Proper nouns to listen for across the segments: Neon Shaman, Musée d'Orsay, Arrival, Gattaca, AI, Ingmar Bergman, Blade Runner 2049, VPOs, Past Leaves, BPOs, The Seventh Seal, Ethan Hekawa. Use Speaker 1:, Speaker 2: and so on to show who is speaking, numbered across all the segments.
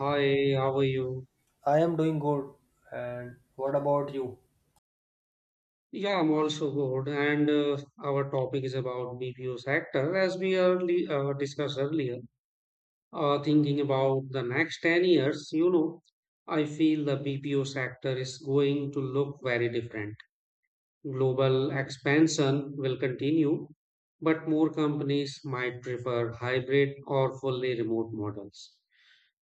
Speaker 1: Hi, how are you?
Speaker 2: I am doing good. And what about you?
Speaker 1: Yeah, I'm also good. And Our topic is about BPO sector. As we early, discussed earlier, Thinking about the next 10 years, I feel the BPO sector is going to look very different. Global expansion will continue, but more companies might prefer hybrid or fully remote models,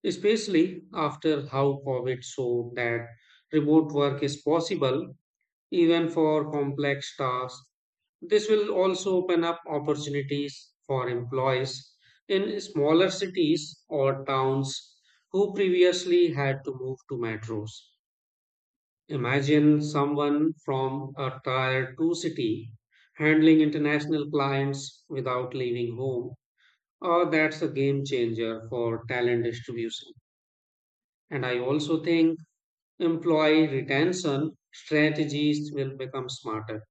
Speaker 1: especially after how COVID showed that remote work is possible even for complex tasks. This will also open up opportunities for employees in smaller cities or towns who previously had to move to metros. Imagine someone from a tier 2 city handling international clients without leaving home. Oh, that's a game changer for talent distribution. And I also think employee retention strategies will become smarter.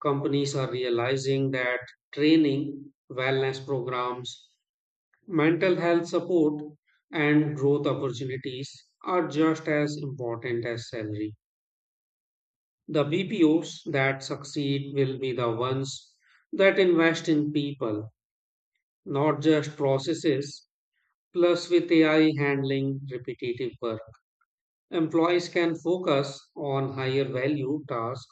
Speaker 1: Companies are realizing that training, wellness programs, mental health support, and growth opportunities are just as important as salary. The BPOs that succeed will be the ones that invest in people, not just processes. Plus, with AI handling repetitive work, employees can focus on higher value tasks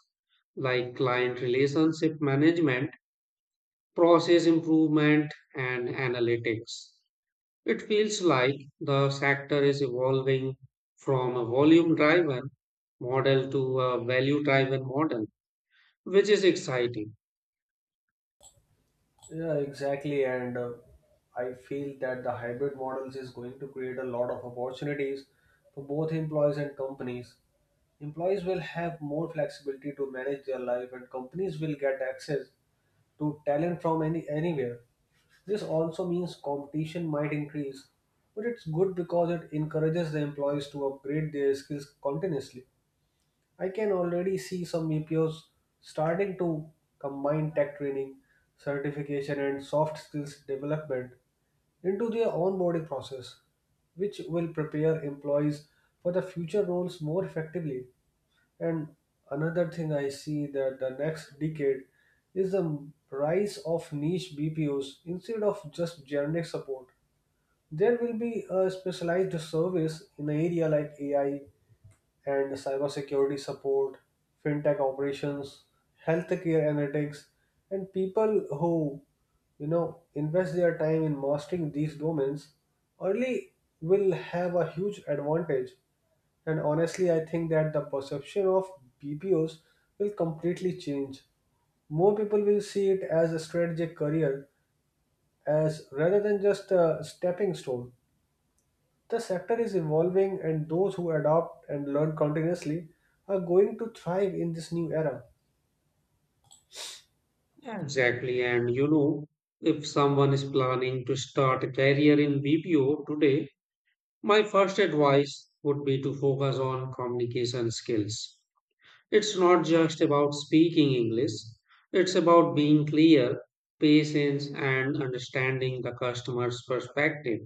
Speaker 1: like client relationship management, process improvement and analytics. It feels like the sector is evolving from a volume driven model to a value driven model, which is exciting.
Speaker 2: Yeah, exactly. And I feel that the hybrid models is going to create a lot of opportunities for both employees and companies. Employees will have more flexibility to manage their life, and companies will get access to talent from anywhere. This also means competition might increase, but it's good because it encourages the employees to upgrade their skills continuously. I can already see some VPOs starting to combine tech training, certification, and soft skills development into their onboarding process, which will prepare employees for the future roles more effectively. And another thing I see that the next decade is the rise of niche BPOs instead of just generic support. There will be a specialized service in an area like AI, and cybersecurity support, fintech operations, healthcare analytics, and people who invest their time in mastering these domains early will have a huge advantage. And honestly, I think that the perception of BPOs will completely change. More people will see it as a strategic career, as rather than just a stepping stone. The sector is evolving, and those who adopt and learn continuously are going to thrive in this new era.
Speaker 1: Yeah, exactly. If someone is planning to start a career in BPO today, my first advice would be to focus on communication skills. It's not just about speaking English, it's about being clear, patience, and understanding the customer's perspective.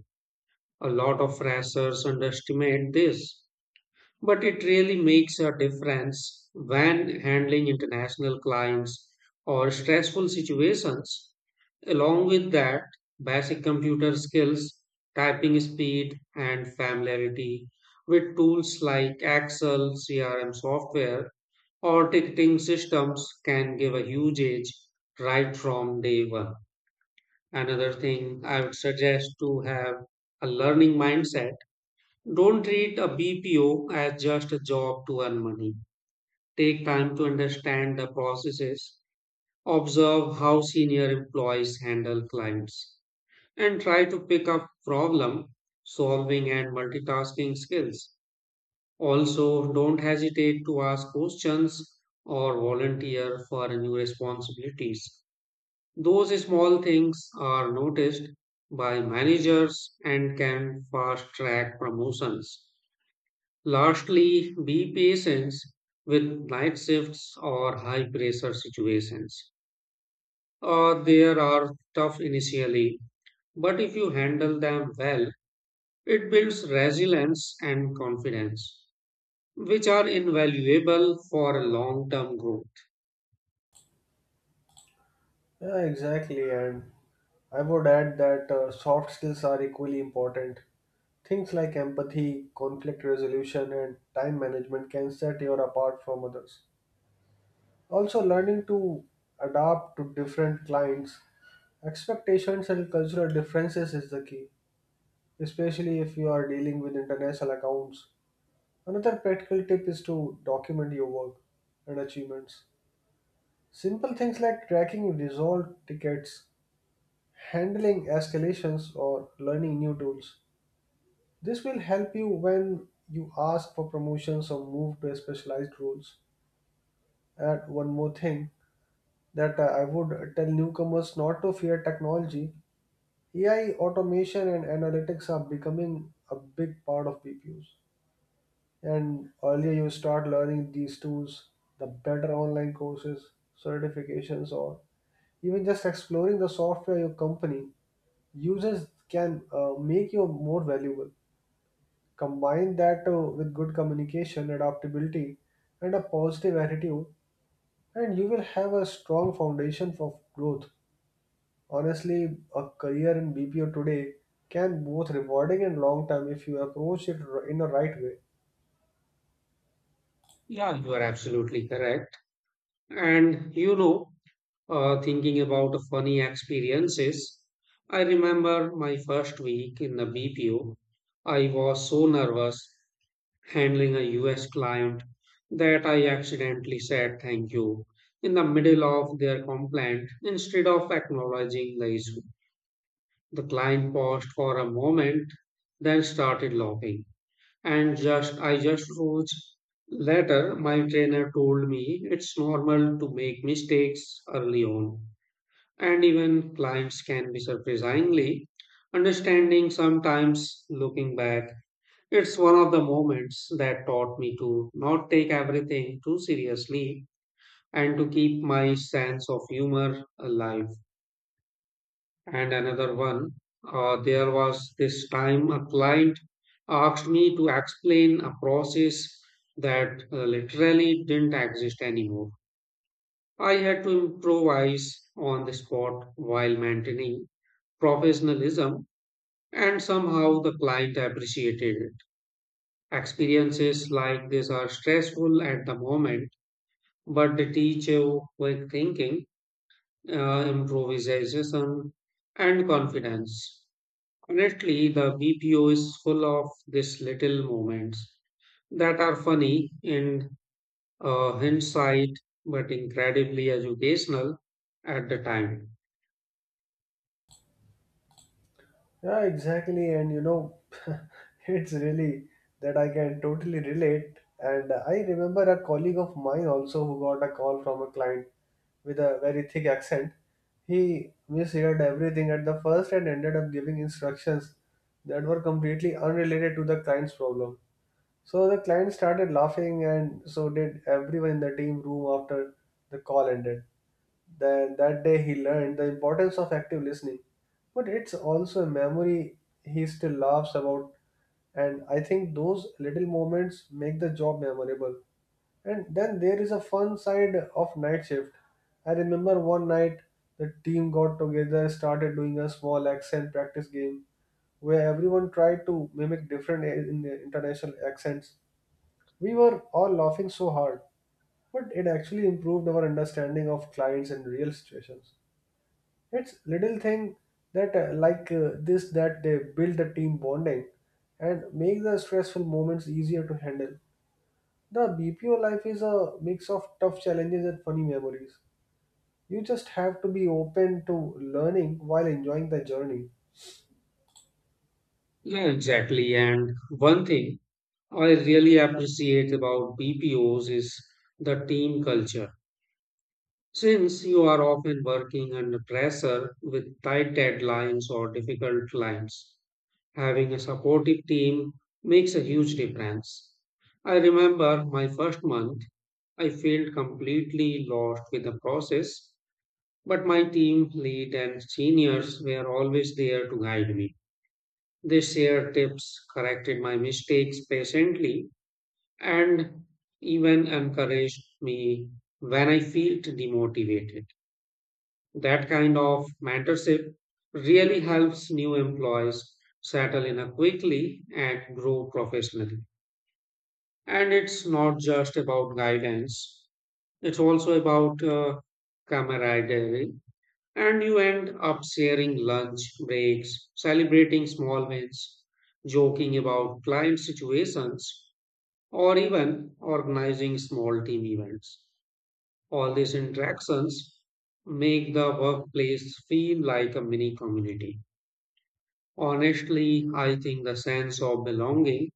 Speaker 1: A lot of freshers underestimate this, but it really makes a difference when handling international clients or stressful situations. Along with that, basic computer skills, typing speed, and familiarity with tools like Excel, CRM software or ticketing systems can give a huge edge right from day one. Another thing I would suggest to have a learning mindset. Don't treat a BPO as just a job to earn money. Take time to understand the processes, observe how senior employees handle clients, and try to pick up problem solving and multitasking skills. Also, don't hesitate to ask questions or volunteer for new responsibilities. Those small things are noticed by managers and can fast track promotions. Lastly, be patient with night shifts or high pressure situations. There are tough initially, but if you handle them well, it builds resilience and confidence, which are invaluable for a long term growth.
Speaker 2: Yeah, exactly. And I would add that soft skills are equally important. Things like empathy, conflict resolution, and time management can set you apart from others. Also, learning to adapt to different clients, expectations, and cultural differences is the key, especially if you are dealing with international accounts. Another practical tip is to document your work and achievements. Simple things like tracking resolved tickets, handling escalations, or learning new tools. This will help you when you ask for promotions or move to specialized roles. And one more thing that I would tell newcomers not to fear technology. AI, automation, and analytics are becoming a big part of BPOs. And earlier you start learning these tools, the better online courses, certifications, or even just exploring the software your company uses can make you more valuable. Combine that with good communication, adaptability, and a positive attitude, and you will have a strong foundation for growth. Honestly, a career in BPO today can both rewarding and long term if you approach in the right way.
Speaker 1: Yeah, you are absolutely correct. And you know, Thinking about funny experiences, I remember my first week in the BPO. I was so nervous handling a US client that I accidentally said thank you in the middle of their complaint instead of acknowledging the issue. The client paused for a moment, then started laughing. And just I just rose later, my trainer told me it's normal to make mistakes early on, and even clients can be surprisingly understanding sometimes looking back. It's one of the moments that taught me to not take everything too seriously and to keep my sense of humor alive. And another one, there was this time a client asked me to explain a process that literally didn't exist anymore. I had to improvise on the spot while maintaining professionalism, and somehow the client appreciated it. Experiences like this are stressful at the moment, but they teach you quick thinking, improvisation, and confidence. Honestly, the BPO is full of these little moments that are funny in, hindsight, but incredibly educational at the time.
Speaker 2: Yeah, exactly. And you know, it's really that I can totally relate. And I remember a colleague of mine also who got a call from a client with a very thick accent. He misheard everything at the first and ended up giving instructions that were completely unrelated to the client's problem. So the client started laughing, and so did everyone in the team room after the call ended. Then that day he learned the importance of active listening. But it's also a memory he still laughs about, and I think those little moments make the job memorable. And then there is a fun side of night shift. I remember one night the team got together, started doing a small accent practice game where everyone tried to mimic international accents. We were all laughing so hard but it actually improved our understanding of clients and real situations. It's little thing that this that they build the team bonding and make the stressful moments easier to handle. The BPO life is a mix of tough challenges and funny memories. You just have to be open to learning while enjoying the journey.
Speaker 1: Yeah, exactly. And one thing I really appreciate about BPOs is the team culture. Since you are often working under pressure with tight deadlines or difficult clients, having a supportive team makes a huge difference. I remember my first month I felt completely lost with the process, but my team lead and seniors were always there to guide me. They shared tips, corrected my mistakes patiently, and even encouraged me when I felt demotivated. That kind of mentorship really helps new employees settle in a quickly and grow professionally. And it's not just about guidance. It's also about camaraderie, and you end up sharing lunch breaks, celebrating small wins, joking about client situations, or even organizing small team events. All these interactions make the workplace feel like a mini community. Honestly, I think the sense of belonging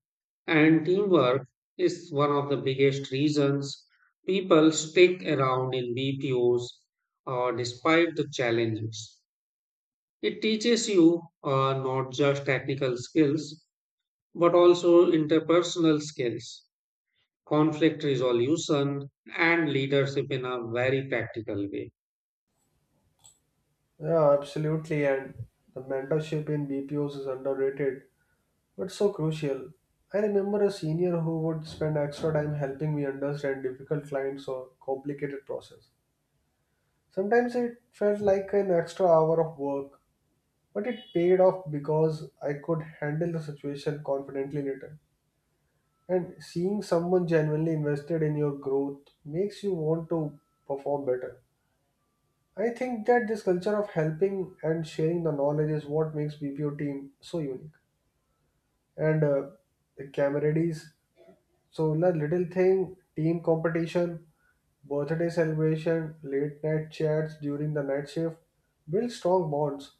Speaker 1: and teamwork is one of the biggest reasons people stick around in BPOs, despite the challenges. It teaches you, not just technical skills, but also interpersonal skills, conflict resolution, and leadership in a very practical way.
Speaker 2: Yeah, absolutely. And the mentorship in BPOs is underrated but so crucial. I remember a senior who would spend extra time helping me understand difficult clients or complicated process. Sometimes it felt like an extra hour of work, but it paid off because I could handle the situation confidently later. And seeing someone genuinely invested in your growth makes you want to perform better. I think that this culture of helping and sharing the knowledge is what makes BPO team so unique. And the camaraderies. So na little thing, team competition, birthday celebration, late night chats during the night shift build strong bonds.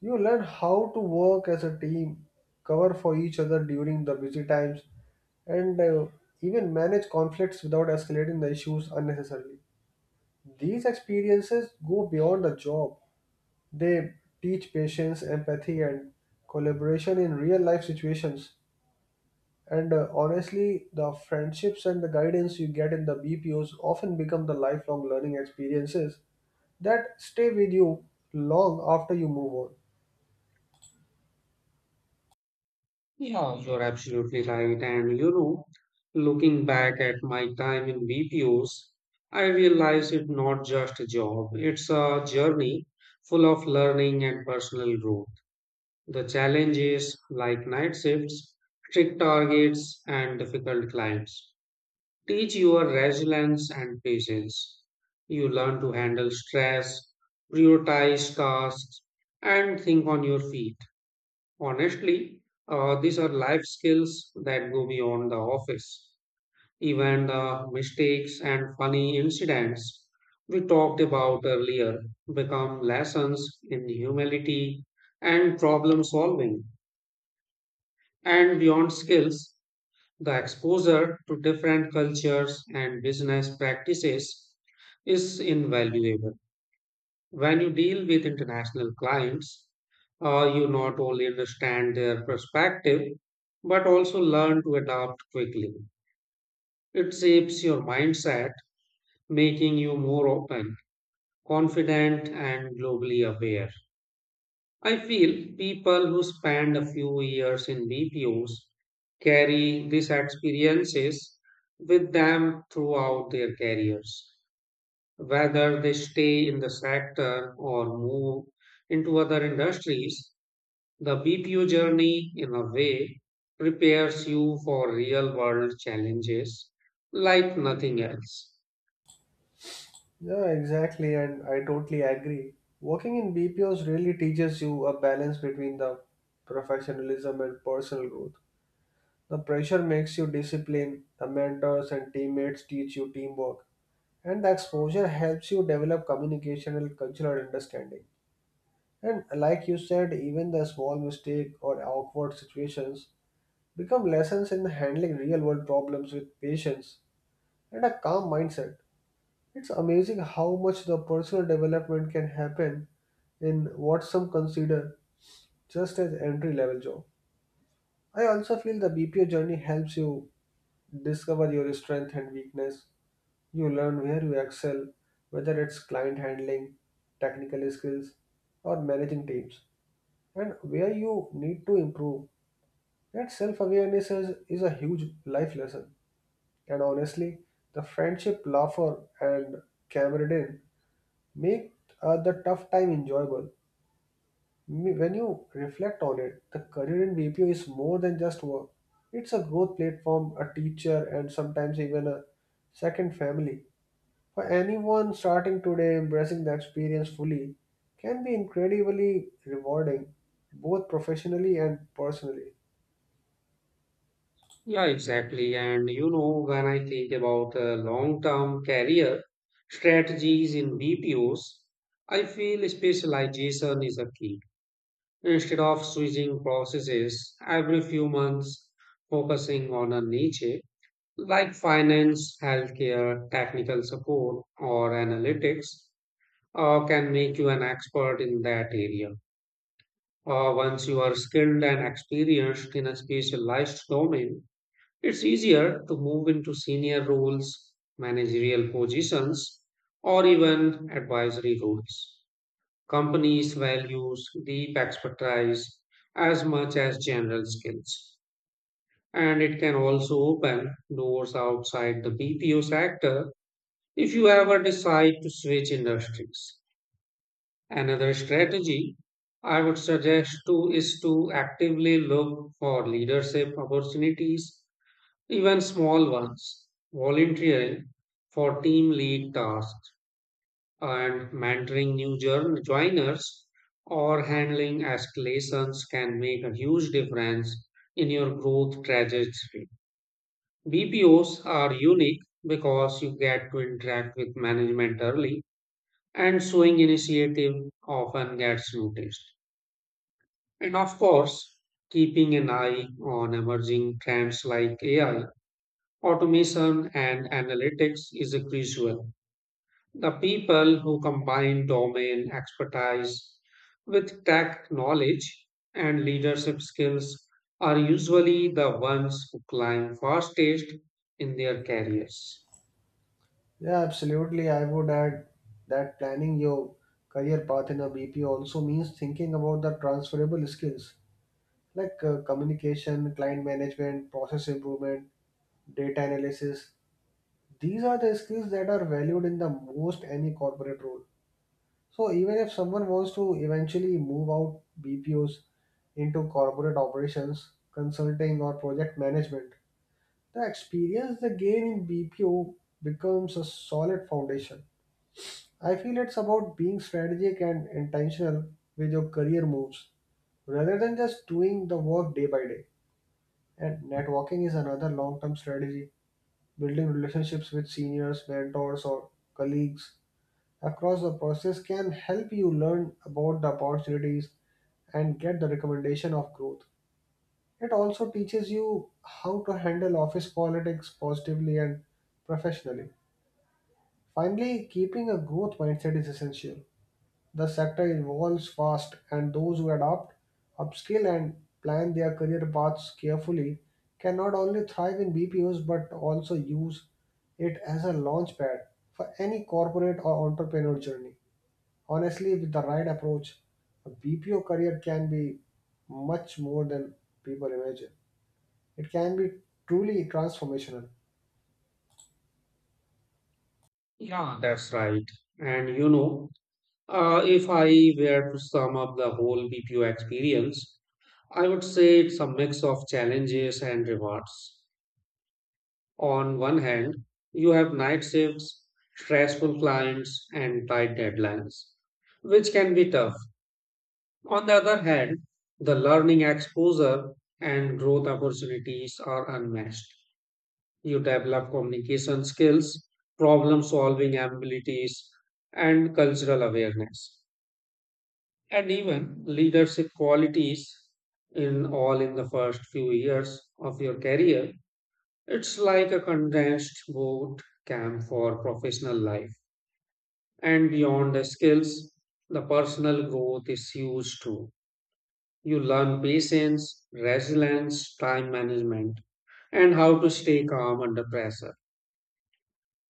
Speaker 2: You learn how to work as a team, cover for each other during the busy times, and even manage conflicts without escalating the issues unnecessarily. These experiences go beyond the job. They teach patience, empathy, and collaboration in real life situations. And honestly, the friendships and the guidance you get in the BPOs often become the lifelong learning experiences that stay with you long after you move on.
Speaker 1: Yeah, you're absolutely right. Looking back at my time in BPOs, I realized it's not just a job, it's a journey full of learning and personal growth. The challenges like night shifts, strict targets, and difficult clients teach your resilience and patience. You learn to handle stress, prioritize tasks, and think on your feet. Honestly, these are life skills that go beyond the office. Even the mistakes and funny incidents we talked about earlier become lessons in humility and problem solving. And beyond skills, the exposure to different cultures and business practices is invaluable. When you deal with international clients, you not only understand their perspective, but also learn to adapt quickly. It shapes your mindset, making you more open, confident, and globally aware. I feel people who spend a few years in BPOs carry these experiences with them throughout their careers, whether they stay in the sector or move into other industries. The BPO journey, in a way, prepares you for real world challenges like nothing else.
Speaker 2: Yeah, exactly, and I totally agree. Working in BPOs really teaches you a balance between the professionalism and personal growth. The pressure makes you disciplined, the mentors and teammates teach you teamwork, and the exposure helps you develop communication and cultural understanding. And like you said, even the small mistake or awkward situations become lessons in handling real world problems with patience and a calm mindset. It's amazing how much the personal development can happen in what some consider just as entry level job. I also feel the BPO journey helps you discover your strength and weakness. You learn where you excel, whether it's client handling, technical skills, or managing teams, and where you need to improve. That self awareness is a huge life lesson. And honestly, the friendship, laughter, and camaraderie make the tough time enjoyable. When you reflect on it, the career in BPO is more than just work, it's a growth platform, a teacher, and sometimes even a second family. For anyone starting today, embracing the experience fully can be incredibly rewarding, both professionally and personally.
Speaker 1: Yeah, exactly. When I think about long term career strategies in BPOs, I feel specialization is a key. Instead of switching processes every few months, focusing on a niche like finance, healthcare, technical support, or analytics can make you an expert in that area. Once you are skilled and experienced in a specialized domain, it's easier to move into senior roles, managerial positions, or even advisory roles. Companies value deep expertise as much as general skills. And it can also open doors outside the BPO sector if you ever decide to switch industries. Another strategy I would suggest to is to actively look for leadership opportunities, even small ones, volunteering for team lead tasks and mentoring joiners or handling escalations can make a huge difference in your growth trajectory. BPOs are unique because you get to interact with management early, and showing initiative often gets noticed. And of course, keeping an eye on emerging trends like AI, automation, and analytics is a crucial. The people who combine domain expertise with tech knowledge and leadership skills are usually the ones who climb fastest in their careers.
Speaker 2: Yeah, absolutely. I would add that planning your career path in a BPO also means thinking about the transferable skills like communication, client management, process improvement, data analysis. These are the skills that are valued in the most any corporate role. So even if someone wants to eventually move out BPOs into corporate operations, consulting or project management, the experience they gain in BPO becomes a solid foundation. I feel it's about being strategic and intentional with your career moves rather than just doing the work day by day. And networking is another long term strategy. Building relationships with seniors, mentors, or colleagues across the process can help you learn about the opportunities and get the recommendation of growth. It also teaches you how to handle office politics positively and professionally. Finally, keeping a growth mindset is essential. The sector evolves fast, and those who adapt, upskill, and plan their career paths carefully can not only thrive in BPOs but also use it as a launchpad for any corporate or entrepreneur journey. Honestly, with the right approach, a BPO career can be much more than people imagine. It can be truly transformational.
Speaker 1: Yeah, that's right. And you know, if I were to sum up the whole BPO experience, I would say it's a mix of challenges and rewards. On one hand, you have night shifts, stressful clients, and tight deadlines, which can be tough. On the other hand, the learning exposure and growth opportunities are unmatched. You develop communication skills, problem solving abilities, and cultural awareness, and even leadership qualities in all in the first few years of your career. It's like a condensed boot camp for professional life. And beyond the skills, the personal growth is huge too. You learn patience, resilience, time management, and how to stay calm under pressure.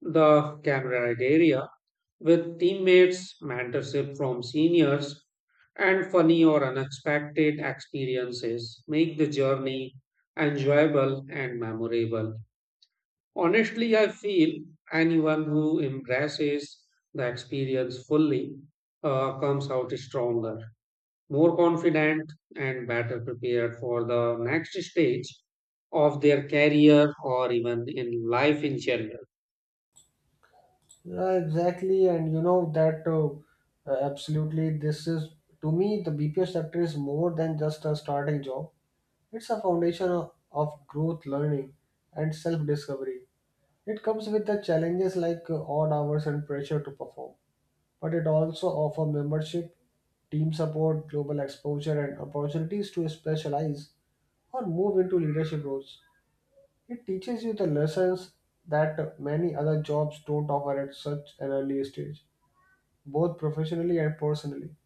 Speaker 1: The camaraderie with teammates, mentorship from seniors, and funny or unexpected experiences make the journey enjoyable and memorable. Honestly, I feel anyone who embraces the experience fully comes out stronger, more confident, and better prepared for the next stage of their career or even in life in general.
Speaker 2: Yeah, exactly, and you know that absolutely. This is To me the BPO sector is more than just a starting job. It's a foundation of growth, learning, and self-discovery. It comes with the challenges like odd hours and pressure to perform, but it also offers membership, team support, global exposure, and opportunities to specialize or move into leadership roles. It teaches you the lessons that many other jobs don't offer at such an early stage both professionally and personally.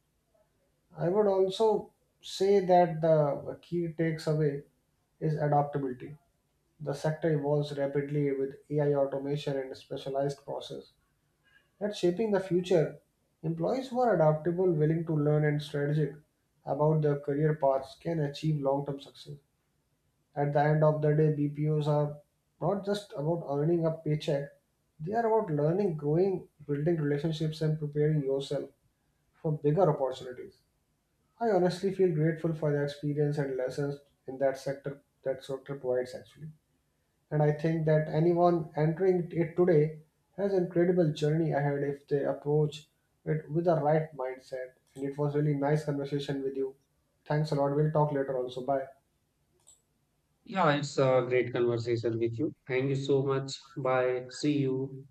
Speaker 2: I would also say that the key takes away is adaptability. The sector evolves rapidly with AI automation and specialized process that's shaping the future. Employees who are adaptable, willing to learn, and strategic about their career paths can achieve long term success. At the end of the day, BPOs are not just about earning a paycheck, they are about learning, growing, building relationships, and preparing yourself for bigger opportunities. I honestly feel grateful for the experience and lessons in that sector provides actually. And I think that anyone entering it today has incredible journey ahead if they approach it with the right mindset. And it was really nice conversation with you. Thanks a lot. We'll talk later also. Bye.
Speaker 1: Yeah, it's a great conversation with you. Thank you so much. Bye. See you.